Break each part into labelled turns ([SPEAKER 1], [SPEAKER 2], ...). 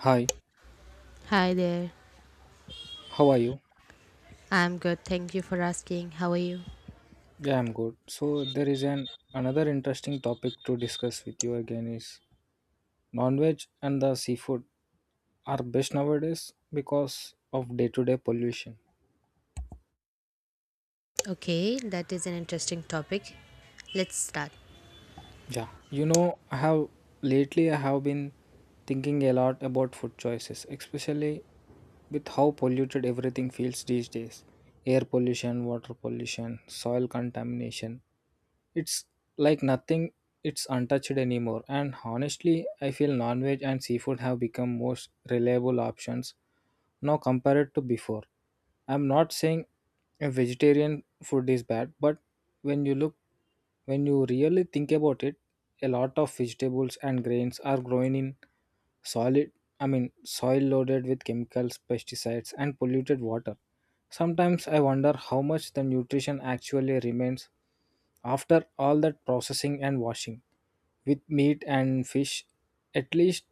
[SPEAKER 1] Hi,
[SPEAKER 2] Hi there.
[SPEAKER 1] how are you?
[SPEAKER 2] I'm good. Thank you for asking. How are you?
[SPEAKER 1] Yeah, I'm good. So there is an another interesting topic to discuss with you again is non-veg and the seafood are best nowadays because of day-to-day pollution.
[SPEAKER 2] Okay, that is an interesting topic. Let's start.
[SPEAKER 1] I have lately I have been thinking a lot about food choices, especially with how polluted everything feels these days. Air pollution, water pollution, soil contamination. It's like nothing it's untouched anymore, and honestly I feel non-veg and seafood have become most reliable options now compared to before. I'm not saying a vegetarian food is bad, but when you look when you really think about it, a lot of vegetables and grains are grown in solid, soil loaded with chemicals, pesticides, and polluted water. Sometimes I wonder how much the nutrition actually remains after all that processing and washing. With meat and fish, at least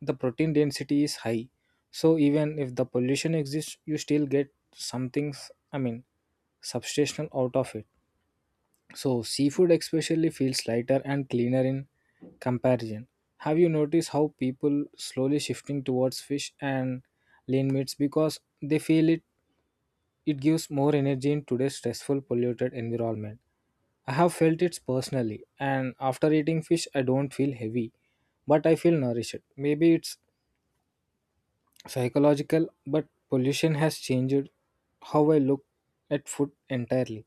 [SPEAKER 1] the protein density is high. So even if the pollution exists, you still get something I mean, substantial out of it. So, seafood especially feels lighter and cleaner in comparison. Have you noticed how people slowly shifting towards fish and lean meats because they feel it gives more energy in today's stressful polluted environment. I have felt it personally, and after eating fish I don't feel heavy but I feel nourished. Maybe it's psychological, but pollution has changed how I look at food entirely.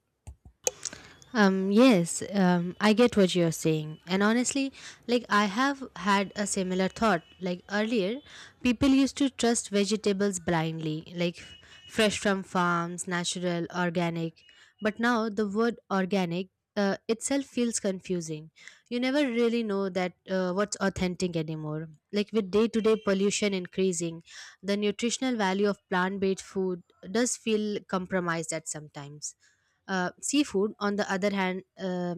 [SPEAKER 2] Yes, I get what you're saying. And honestly, like I have had a similar thought. Like earlier, people used to trust vegetables blindly, like fresh from farms, natural, organic. But now the word organic itself feels confusing. You never really know that what's authentic anymore. Like with day to day pollution increasing, the nutritional value of plant based food does feel compromised at sometimes seafood, on the other hand,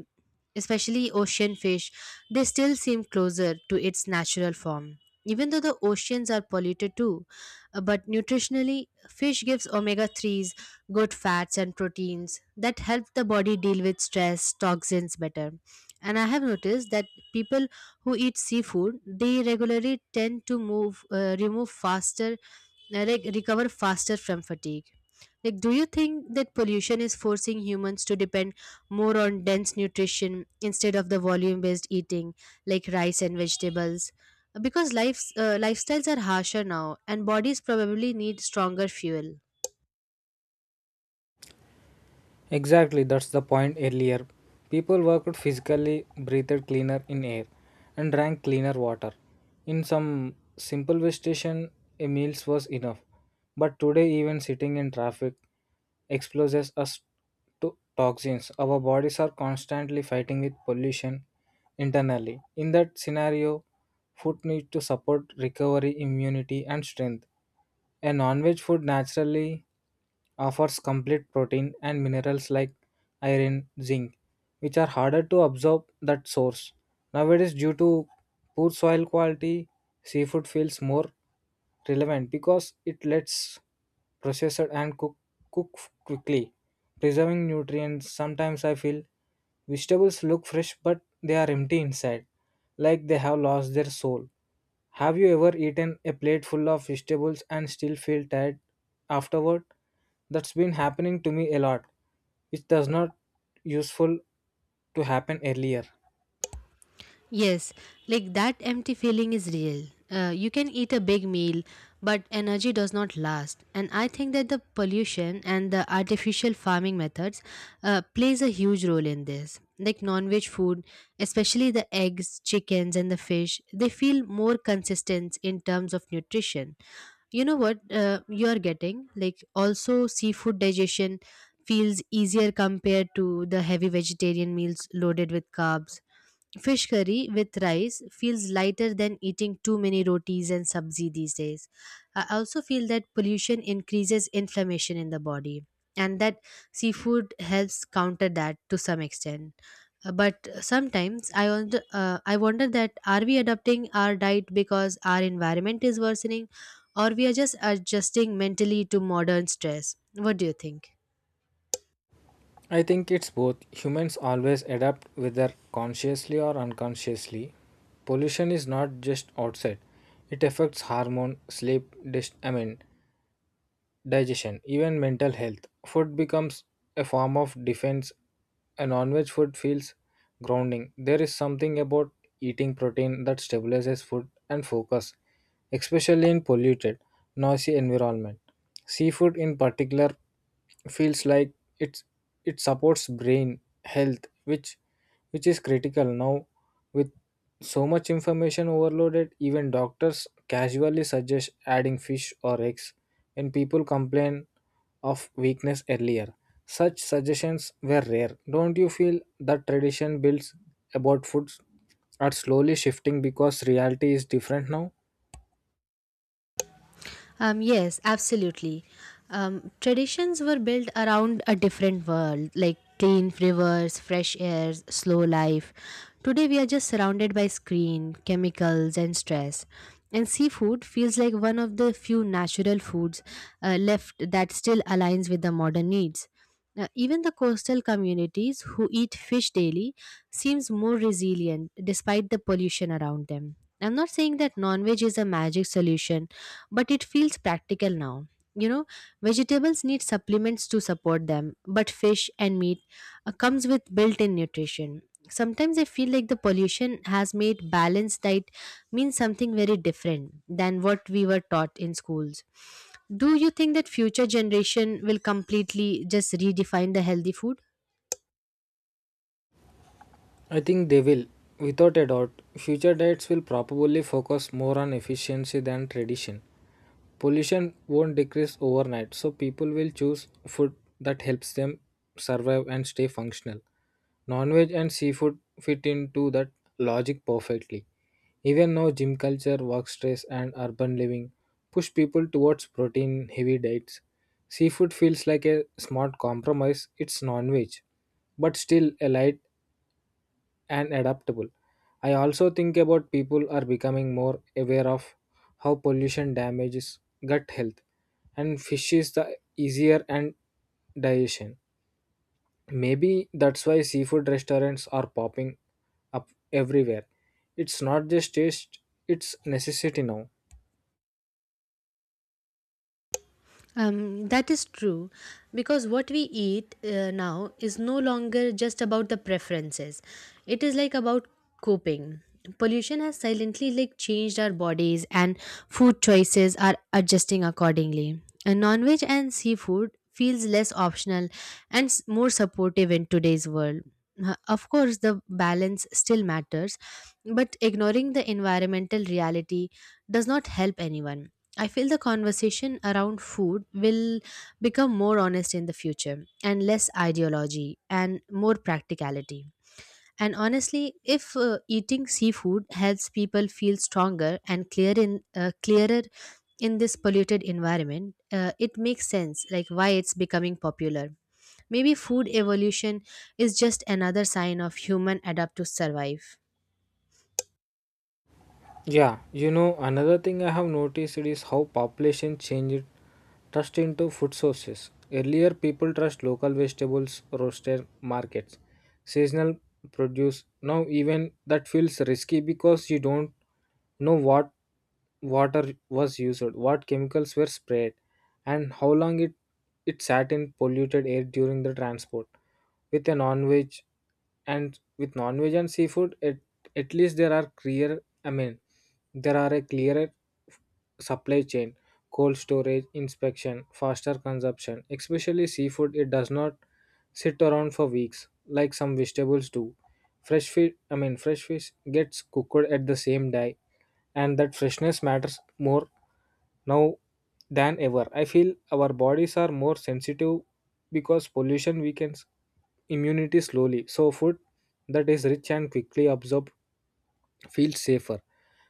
[SPEAKER 2] especially ocean fish, they still seem closer to its natural form. Even though the oceans are polluted too, but nutritionally, fish gives omega 3s, good fats, and proteins that help the body deal with stress, toxins better. And I have noticed that people who eat seafood, they regularly tend to remove faster like recover faster from fatigue. Like do you think that pollution is forcing humans to depend more on dense nutrition instead of the volume based eating like rice and vegetables because lifestyles are harsher now and bodies probably need stronger fuel?
[SPEAKER 1] Exactly, that's the point earlier. People worked physically, breathed cleaner in air, and drank cleaner water. In some simple way station, a meal was enough. But today, even sitting in traffic exposes us to toxins. Our bodies are constantly fighting with pollution internally. In that scenario, food needs to support recovery, immunity, and strength. A non-veg food naturally offers complete protein and minerals like iron, zinc, which are harder to absorb that source. Nowadays, due to poor soil quality, seafood feels more relevant because it lets process it and cook quickly preserving nutrients. Sometimes I feel vegetables look fresh, but they are empty inside, like they have lost their soul. Have you ever eaten a plate full of vegetables and still feel tired afterward? That's been happening to me a lot, which does not useful to happen earlier.
[SPEAKER 2] Yes, like that empty feeling is real. You can eat a big meal, but energy does not last. And I think that the pollution and the artificial farming methods plays a huge role in this. Like non-veg food, especially the eggs, chickens, and the fish, they feel more consistent in terms of nutrition. You know what you are getting? Like also seafood digestion feels easier compared to the heavy vegetarian meals loaded with carbs. Fish curry with rice feels lighter than eating too many rotis and sabzi these days. I also feel that pollution increases inflammation in the body and that seafood helps counter that to some extent. But sometimes I wonder that are we adapting our diet because our environment is worsening or we are just adjusting mentally to modern stress? What do you think?
[SPEAKER 1] I think it's both. Humans always adapt, whether consciously or unconsciously. Pollution is not just outside. It affects hormone, sleep, digestion, even mental health. Food becomes a form of defense, and non-veg food feels grounding. There is something about eating protein that stabilizes food and focus, especially in polluted, noisy environment. Seafood, in particular, feels like it's it supports brain health, which which is critical now with so much information overloaded. Even doctors casually suggest adding fish or eggs when people complain of weakness. Earlier, such suggestions were rare. Don't you feel that tradition builds about foods are slowly shifting because reality is different now?
[SPEAKER 2] Yes, absolutely. Traditions were built around a different world, like clean rivers, fresh air, slow life. Today we are just surrounded by screen, chemicals, and stress. And seafood feels like one of the few natural foods left that still aligns with the modern needs. Even the coastal communities who eat fish daily seems more resilient despite the pollution around them. I'm not saying that non-veg is a magic solution but it feels practical now. You know, vegetables need supplements to support them, but fish and meat comes with built-in nutrition. Sometimes I feel like the pollution has made balanced diet mean something very different than what we were taught in schools. Do you think that future generation will completely just redefine the healthy food?
[SPEAKER 1] I think they will. Without a doubt, future diets will probably focus more on efficiency than tradition. Pollution won't decrease overnight, so people will choose food that helps them survive and stay functional. Non veg and seafood fit into that logic perfectly. Even now, gym culture, work stress, and urban living push people towards protein heavy diets. Seafood feels like a smart compromise. It's non veg, but still a light and adaptable. I also think about people are becoming more aware of how pollution damages gut health, and fish is the easier and digestion. Maybe that's why seafood restaurants are popping up everywhere. It's not just taste, it's necessity now.
[SPEAKER 2] That is true because what we eat now is no longer just about the preferences. It is like about coping. Pollution has silently like changed our bodies and food choices are adjusting accordingly. And non-veg and seafood feels less optional and more supportive in today's world. Of course, the balance still matters, but ignoring the environmental reality does not help anyone. I feel the conversation around food will become more honest in the future and less ideology and more practicality. And honestly, if eating seafood helps people feel stronger and clearer in this polluted environment, it makes sense like why it's becoming popular. Maybe food evolution is just another sign of human adapt to survive.
[SPEAKER 1] Another thing I have noticed is how population changed trust into food sources. Earlier, people trust local vegetables, roaster markets, seasonal produce. Now, even that feels risky because you don't know what water was used, what chemicals were sprayed, and how long it sat in polluted air during the transport. With a non-veg with non-veg and seafood, at least there are there are a clearer supply chain, cold storage, inspection, faster consumption. Especially seafood, it does not sit around for weeks like some vegetables do. Fresh fish gets cooked at the same day, and that freshness matters more now than ever. I feel our bodies are more sensitive because pollution weakens immunity slowly. So food that is rich and quickly absorbed feels safer.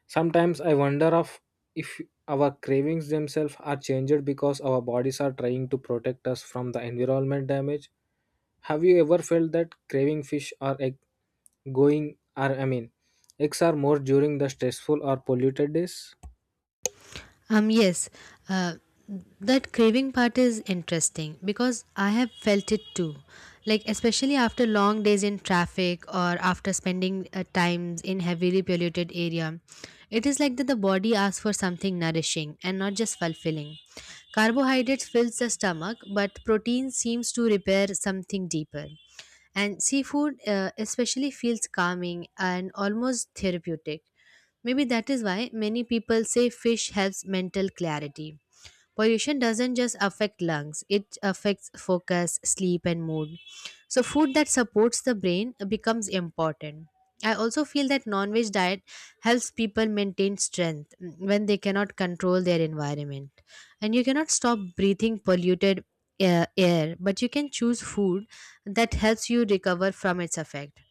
[SPEAKER 1] Sometimes I wonder of if our cravings themselves are changed because our bodies are trying to protect us from the environment damage. Have you ever felt that craving fish or egg going or I mean eggs are more during the stressful or polluted days?
[SPEAKER 2] Um, yes, uh, that craving part is interesting because I have felt it too. Like, especially after long days in traffic or after spending times in heavily polluted area, it is like that the body asks for something nourishing and not just fulfilling. Carbohydrates fills the stomach, but protein seems to repair something deeper. And seafood especially feels calming and almost therapeutic. Maybe that is why many people say fish helps mental clarity. Pollution doesn't just affect lungs, it affects focus, sleep, and mood. So, food that supports the brain becomes important. I also feel that non veg diet helps people maintain strength when they cannot control their environment. And you cannot stop breathing polluted air, but you can choose food that helps you recover from its effect.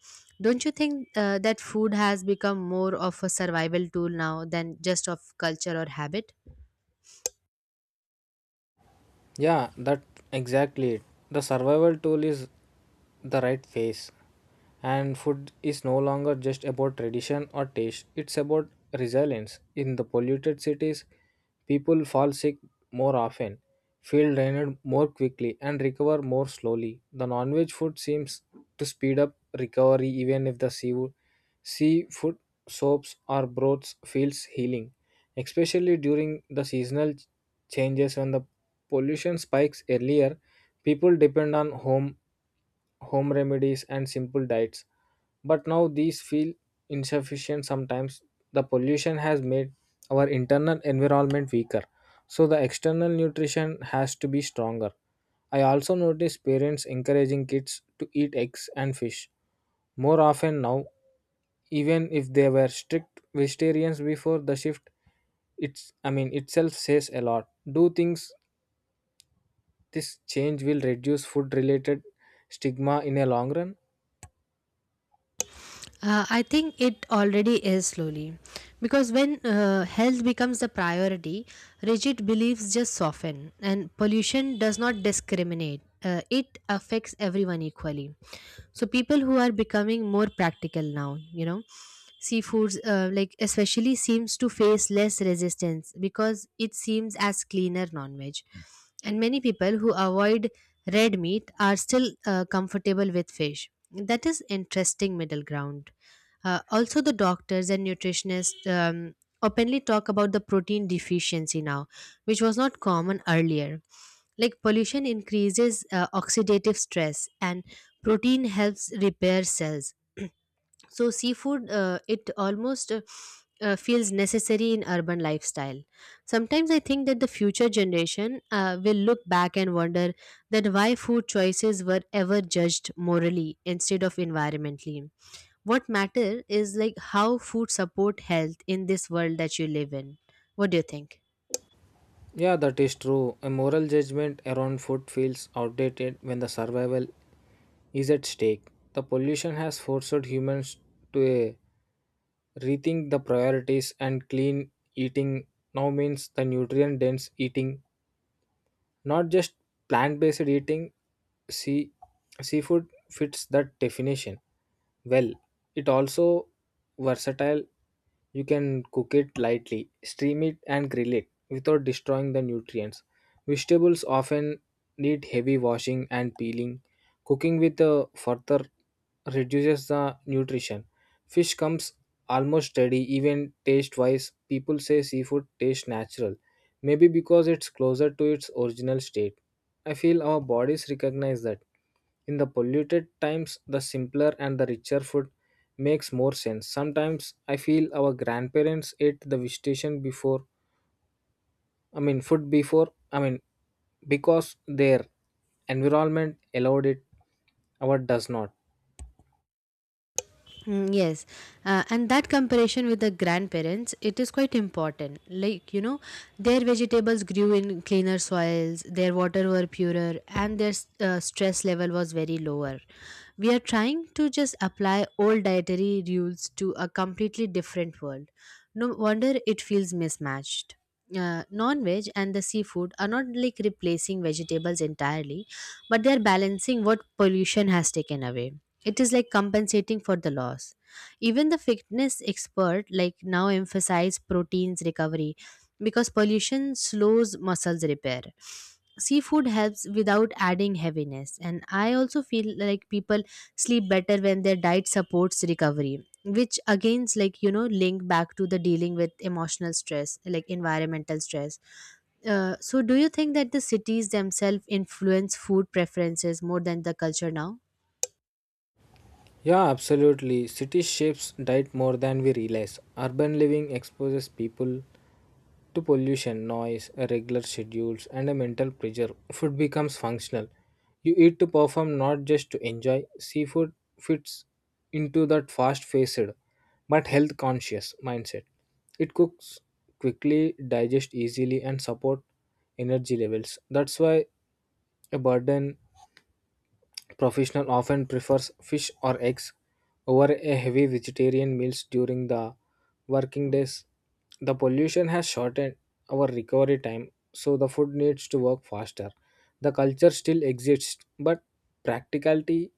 [SPEAKER 2] Don't you think that food has become more of a survival tool now than just of culture or habit?
[SPEAKER 1] Yeah, that exactly it. The survival tool is the right face. And food is no longer just about tradition or taste, it's about resilience. In the polluted cities, people fall sick more often, feel drained more quickly, and recover more slowly. The non veg food seems to speed up recovery. Even if the seafood, seafood soaps or broths feels healing, especially during the seasonal changes when the pollution spikes. Earlier, people depend on home remedies and simple diets. But now these feel insufficient sometimes. The pollution has made our internal environment weaker, so the external nutrition has to be stronger. I also notice parents encouraging kids to eat eggs and fish more often now, even if they were strict vegetarians before the shift. Itself says a lot. Do things this change will reduce food related stigma in a long run?
[SPEAKER 2] I think it already is slowly. Because when health becomes the priority, rigid beliefs just soften, and pollution does not discriminate. It affects everyone equally. So, people who are becoming more practical now, you know seafoods like especially seems to face less resistance because it seems as cleaner non-veg and many people who avoid red meat are still comfortable with fish. That is interesting middle ground. Also the doctors and nutritionists openly talk about the protein deficiency now, which was not common earlier. Like pollution increases oxidative stress and protein helps repair cells, so seafood it almost feels necessary in urban lifestyle. Sometimes I think that the future generation will look back and wonder that why food choices were ever judged morally instead of environmentally. What matter is like how food support health in this world that you live in. What do you think?
[SPEAKER 1] Yeah, that is true. A moral judgment around food feels outdated when the survival is at stake. The pollution has forced humans to rethink the priorities, and clean eating now means the nutrient dense eating, not just plant based eating. See Seafood fits that definition well. It also versatile. You can cook it lightly, steam it, and grill it without destroying the nutrients. Vegetables often need heavy washing and peeling. Cooking with a further reduces the nutrition. Fish comes almost steady, even taste wise. People say seafood tastes natural, maybe because it's closer to its original state. I feel our bodies recognize that. In the polluted times, the simpler and the richer food makes more sense. Sometimes I feel our grandparents ate the vegetation before, I mean, food before, because their environment allowed it, our does not.
[SPEAKER 2] Mm, yes, and that comparison with the grandparents, it is quite important. Like, you know, their vegetables grew in cleaner soils, their water were purer, and their stress level was very lower. We are trying to just apply old dietary rules to a completely different world. No wonder it feels mismatched. Non veg and the seafood are not like replacing vegetables entirely, but they are balancing what pollution has taken away. It is like compensating for the loss. Even the fitness expert like now emphasize proteins recovery because pollution slows muscles repair. Seafood helps without adding heaviness, and I also feel like people sleep better when their diet supports recovery, which again is like you know link back to the dealing with emotional stress like environmental stress. So do you think that the cities themselves influence food preferences more than the culture now?
[SPEAKER 1] Yeah, absolutely. City shapes diet more than we realize. Urban living exposes people to pollution, noise, irregular schedules, and a mental pressure. Food becomes functional. You eat to perform, not just to enjoy. Seafood fits into that fast faced but health conscious mindset. It cooks quickly, digests easily, and support energy levels. That's why a burden professional often prefers fish or eggs over a heavy vegetarian meals during the working days. The pollution has shortened our recovery time, so the food needs to work faster. The culture still exists, but practicality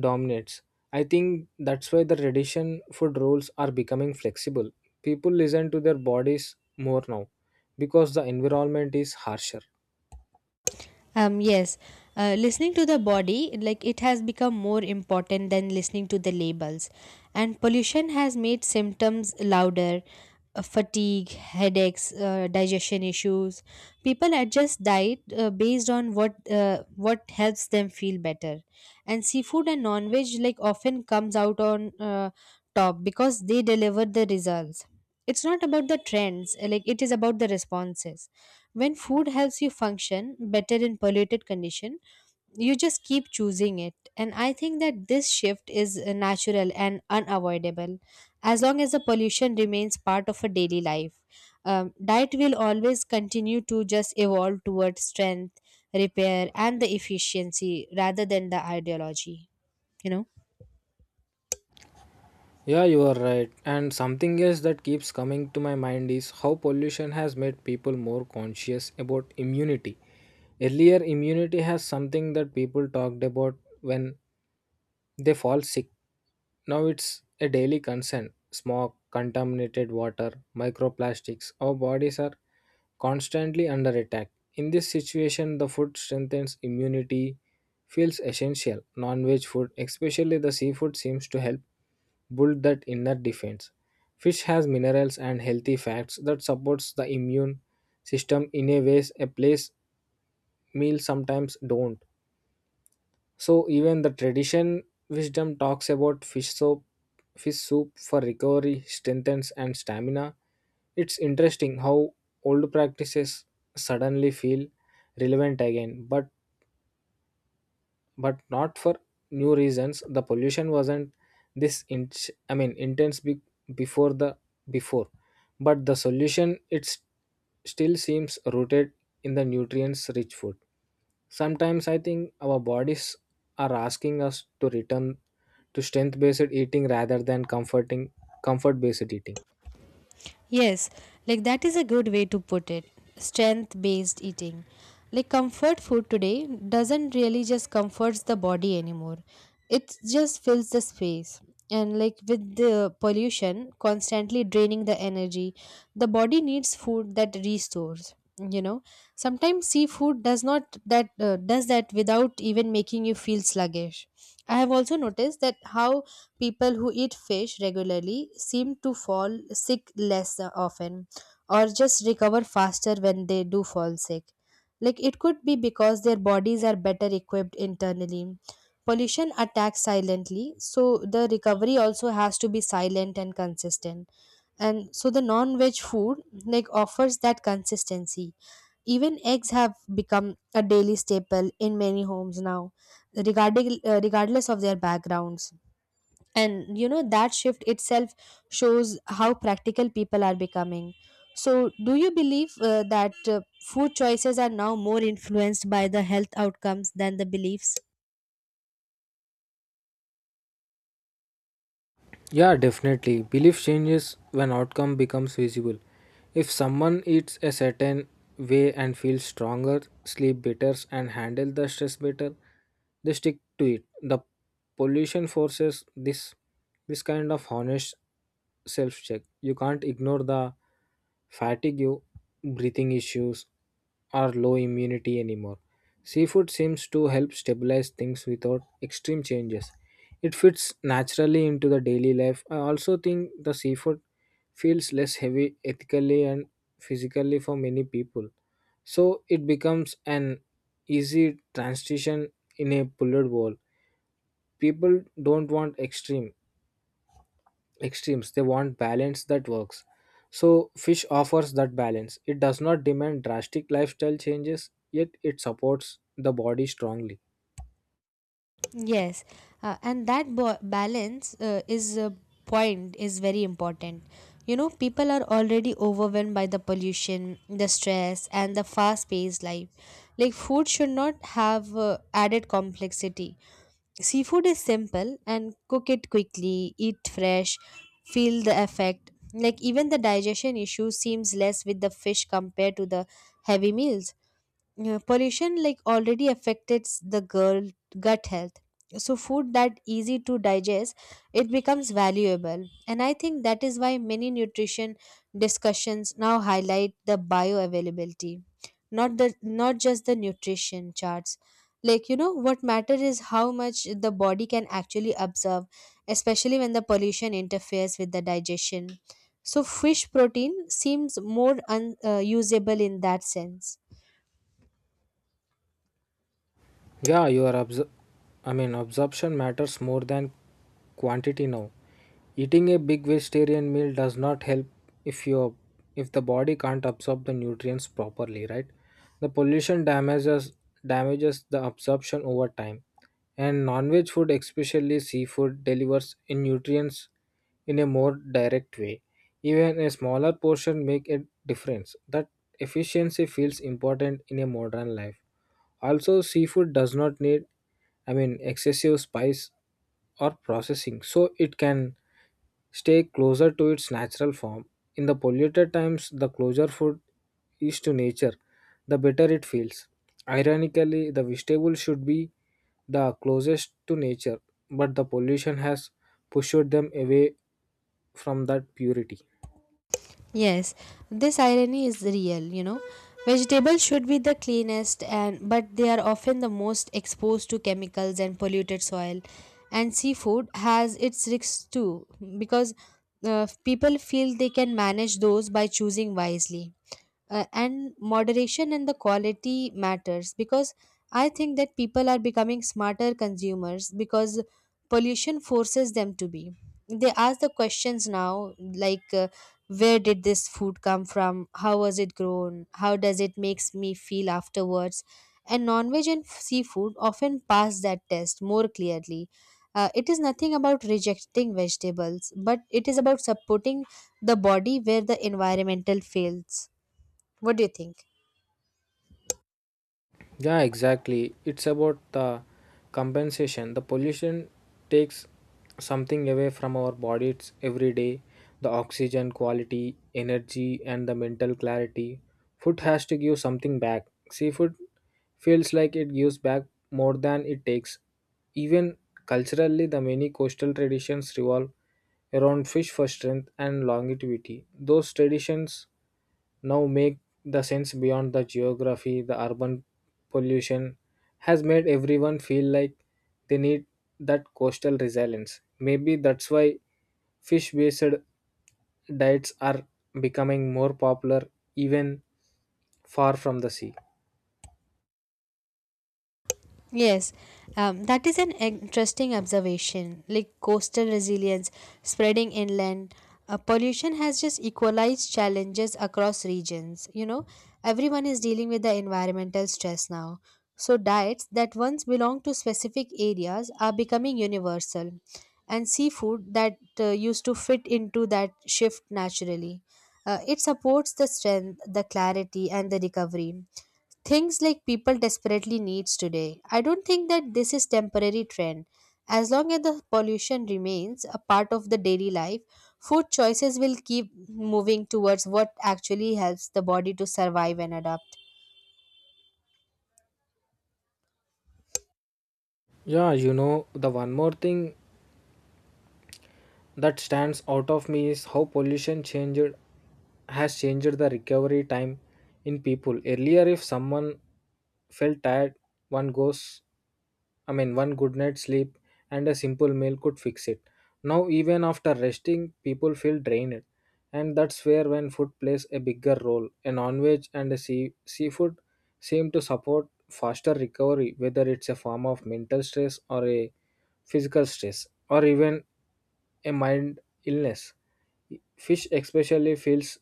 [SPEAKER 1] dominates. I think that's why the tradition food rules are becoming flexible. People listen to their bodies more now because the environment is harsher.
[SPEAKER 2] Um, yes, Listening to the body, like it has become more important than listening to the labels. And pollution has made symptoms louder, fatigue, headaches, digestion issues. People adjust diet based on what helps them feel better. And seafood and non veg, like, often comes out on top because they deliver the results. It's not about the trends, like, it is about the responses. When food helps you function better in polluted condition, you just keep choosing it. And I think that this shift is natural and unavoidable. As long as the pollution remains part of a daily life, diet will always continue to just evolve towards strength, repair and the efficiency rather than the ideology, you know.
[SPEAKER 1] Yeah, you are right. And something else that keeps coming to my mind is how pollution has made people more conscious about immunity. Earlier, immunity has something that people talked about when they fall sick. Now it's a daily concern. Smog, contaminated water, microplastics. Our bodies are constantly under attack. In this situation, the food strengthens immunity, feels essential. Non veg food, especially the seafood, seems to help build that inner defense. Fish has minerals and healthy fats that supports the immune system in a ways a place meal sometimes don't. So even the tradition wisdom talks about fish soup for recovery, strengthens and stamina. It's interesting how old practices suddenly feel relevant again, but not for new reasons. The pollution wasn't this in, I mean intense be, before the before, but the solution it's still seems rooted in the nutrients rich food. Sometimes I think our bodies are asking us to return to strength based eating rather than comfort based eating.
[SPEAKER 2] Yes, like that is a good way to put it. Strength based eating. Like comfort food today doesn't really just comforts the body anymore. It just fills the space. And like with the pollution constantly draining the energy, the body needs food that restores. You know, sometimes seafood does not that does that without even making you feel sluggish. I have also noticed that how people who eat fish regularly seem to fall sick less often or just recover faster when they do fall sick. Like it could be because their bodies are better equipped internally. Pollution attacks silently, so the recovery also has to be silent and consistent. And so the non veg food like offers that consistency. Even eggs have become a daily staple in many homes now, regardless of their backgrounds. And you know, that shift itself shows how practical people are becoming. So, do you believe that food choices are now more influenced by the health outcomes than the beliefs?
[SPEAKER 1] Yeah, definitely. Belief changes when outcome becomes visible. If someone eats a certain way and feels stronger, sleep better and handle the stress better, they stick to it. The pollution forces this kind of honest self check. You can't ignore the fatigue, breathing issues, or low immunity anymore. Seafood seems to help stabilize things without extreme changes. It fits naturally into the daily life. I also think the seafood feels less heavy ethically and physically for many people. So it becomes an easy transition in a bullet world. People don't want extremes. They want balance that works. So fish offers that balance. It does not demand drastic lifestyle changes, yet it supports the body strongly.
[SPEAKER 2] Yes, and that balance is a point is very important. You know, people are already overwhelmed by the pollution, the stress, and the fast-paced life. Like food should not have added complexity. Seafood is simple and cook it quickly, eat fresh, feel the effect. Like even the digestion issue seems less with the fish compared to the heavy meals. Pollution like already affected the girl gut health, so food that easy to digest it becomes valuable. And I think that is why many nutrition discussions now highlight the bioavailability, not the not just the nutrition charts. Like you know what matter is how much the body can actually absorb, especially when the pollution interferes with the digestion. So fish protein seems more unusable usable in that sense.
[SPEAKER 1] Yeah, your obs- I mean absorption matters more than quantity now. Eating a big vegetarian meal does not help if your if the body can't absorb the nutrients properly, right? The pollution damages the absorption over time. And non-veg food, especially seafood, delivers in nutrients in a more direct way. Even a smaller portion make a difference. That efficiency feels important in a modern life. Also, seafood does not need, excessive spice or processing, so it can stay closer to its natural form. In the polluted times, the closer food is to nature, the better it feels. Ironically, the vegetable should be the closest to nature, but the pollution has pushed them away from that purity.
[SPEAKER 2] Yes, this irony is real, you know. Vegetables should be the cleanest, and but they are often the most exposed to chemicals and polluted soil. And seafood has its risks too because people feel they can manage those by choosing wisely, and moderation and the quality matters because I think that people are becoming smarter consumers because pollution forces them to be. They ask the questions now like where did this food come from, how was it grown, how does it makes me feel afterwards? And non-veg and seafood often pass that test more clearly. It is nothing about rejecting vegetables, but it is about supporting the body where the environmental fails. What do you think?
[SPEAKER 1] Yeah, exactly. It's about the compensation. The pollution takes something away from our bodies every day the oxygen quality, energy, and the mental clarity. Food has to give something back. Seafood feels like it gives back more than it takes. Even culturally, the many coastal traditions revolve around fish for strength and longevity. Those traditions now make the sense beyond the geography, the urban pollution has made everyone feel like they need that coastal resilience. Maybe that's why fish based diets are becoming more popular even far from the sea.
[SPEAKER 2] Yes, that is an interesting observation. Like coastal resilience spreading inland, pollution has just equalized challenges across regions. You know, everyone is dealing with the environmental stress now. So, diets that once belonged to specific areas are becoming universal, and seafood that used to fit into that shift naturally. It supports the strength, the clarity, and the recovery, things like people desperately needs today. I don't think that this is temporary trend. As long as the pollution remains a part of the daily life, food choices will keep moving towards what actually helps the body to survive and adapt.
[SPEAKER 1] Yeah, you know, the one more thing that stands out of me is how pollution changed has changed the recovery time in people. Earlier, if someone felt tired, one goes one good night's sleep and a simple meal could fix it. Now, even after resting, people feel drained, and that's where when food plays a bigger role. A non-veg and a seafood seem to support faster recovery, whether it's a form of mental stress or a physical stress, or even a mind illness. Fish especially feels,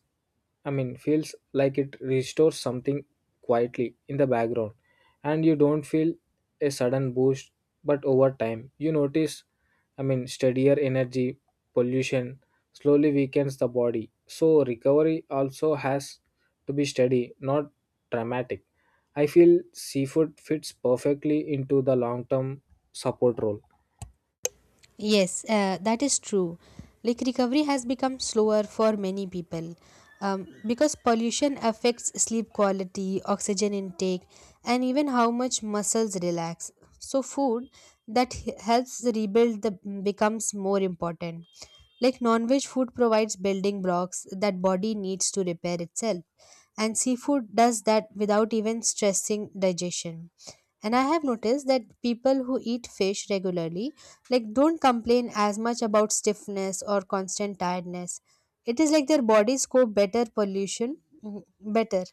[SPEAKER 1] I mean, feels like it restores something quietly in the background, and you don't feel a sudden boost, but over time you notice, steadier energy. Pollution slowly weakens the body, so recovery also has to be steady, not dramatic. I feel seafood fits perfectly into the long term support role.
[SPEAKER 2] Yes, that is true. Like recovery has become slower for many people, because pollution affects sleep quality, oxygen intake, and even how much muscles relax. So, food that helps rebuild the becomes more important. Like non-veg food provides building blocks that body needs to repair itself, and seafood does that without even stressing digestion. And I have noticed that people who eat fish regularly like don't complain as much about stiffness or constant tiredness. It is like their bodies cope better pollution, better.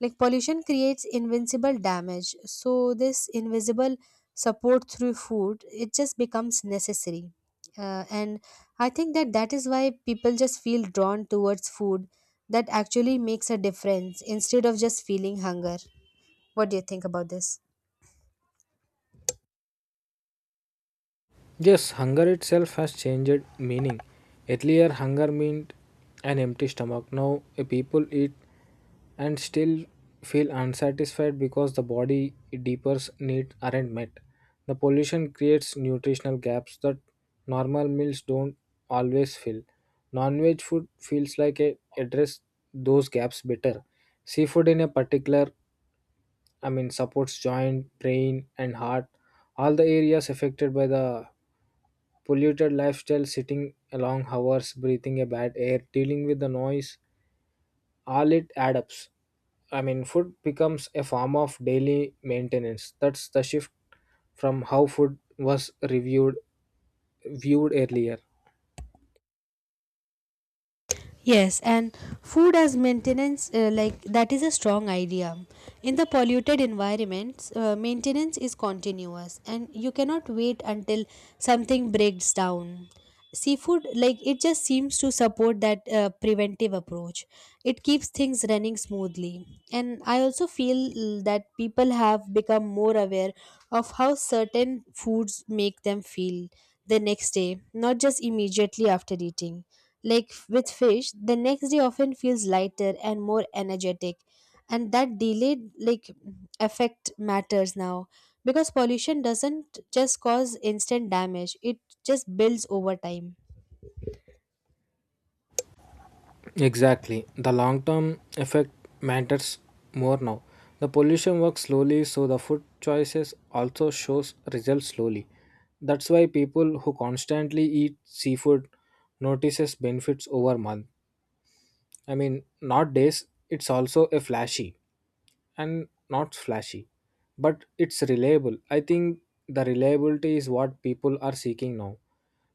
[SPEAKER 2] Like pollution creates invincible damage. So this invisible support through food, it just becomes necessary, and I think that that is why people just feel drawn towards food that actually makes a difference instead of just feeling hunger. What do you think about this?
[SPEAKER 1] Yes, hunger itself has changed meaning. Earlier, hunger meant an empty stomach. Now, a people eat and still feel unsatisfied because the body deeper needs aren't met. The pollution creates nutritional gaps that normal meals don't always fill. Non-veg food feels like it address those gaps better. Seafood in a particular supports joint, brain, and heart, all the areas affected by the polluted lifestyle, sitting long hours, breathing a bad air, dealing with the noise, all it adds up. Food becomes a form of daily maintenance. That's the shift from how food was reviewed viewed earlier.
[SPEAKER 2] Yes, and food as maintenance, like that is a strong idea. In the polluted environments, maintenance is continuous and you cannot wait until something breaks down. Seafood, like it just seems to support that preventive approach. It keeps things running smoothly. And I also feel that people have become more aware of how certain foods make them feel the next day, not just immediately after eating. Like with fish, the next day often feels lighter and more energetic. And that delayed like effect matters now because pollution doesn't just cause instant damage, it just builds over time.
[SPEAKER 1] Exactly. The long term effect matters more now. The pollution works slowly, so the food choices also shows results slowly. That's why people who constantly eat seafood notices benefits over months. Nowadays it's also a flashy and not flashy, but it's reliable. I think the reliability is what people are seeking now.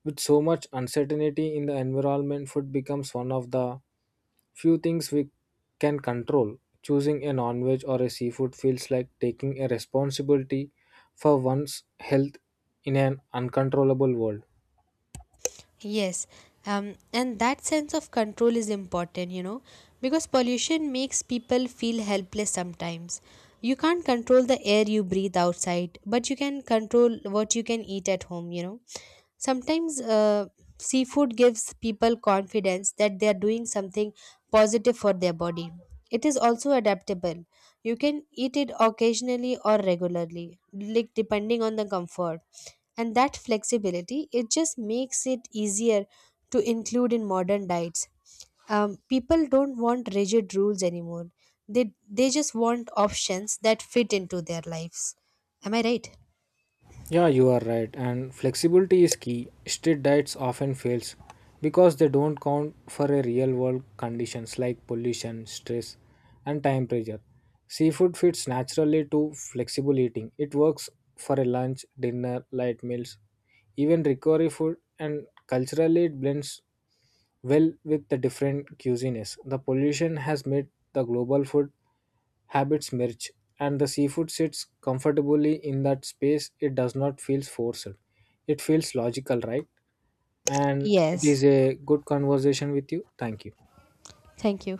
[SPEAKER 1] With so much uncertainty in the environment, food becomes one of the few things we can control. Choosing a non veg or a seafood feels like taking a responsibility for one's health in an uncontrollable world.
[SPEAKER 2] Yes, and that sense of control is important, you know, because pollution makes people feel helpless sometimes. You can't control the air you breathe outside, but you can control what you can eat at home, you know. Sometimes seafood gives people confidence that they are doing something positive for their body. It is also adaptable. You can eat it occasionally or regularly, like depending on the comfort. And that flexibility, it just makes it easier to include in modern diets. People don't want rigid rules anymore. They just want options that fit into their lives. Am I right?
[SPEAKER 1] Yeah, you are right. And flexibility is key. Strict diets often fails because they don't count for a real world conditions like pollution, stress, and time pressure. Seafood fits naturally to flexible eating. It works for a lunch, dinner, light meals, even recovery food, and culturally it blends well with the different cuisines. The pollution has made the global food habits merge, and the seafood sits comfortably in that space. It does not feel forced. It feels logical, right? And it is
[SPEAKER 2] Yes.
[SPEAKER 1] a good conversation with you. Thank you.
[SPEAKER 2] Thank you.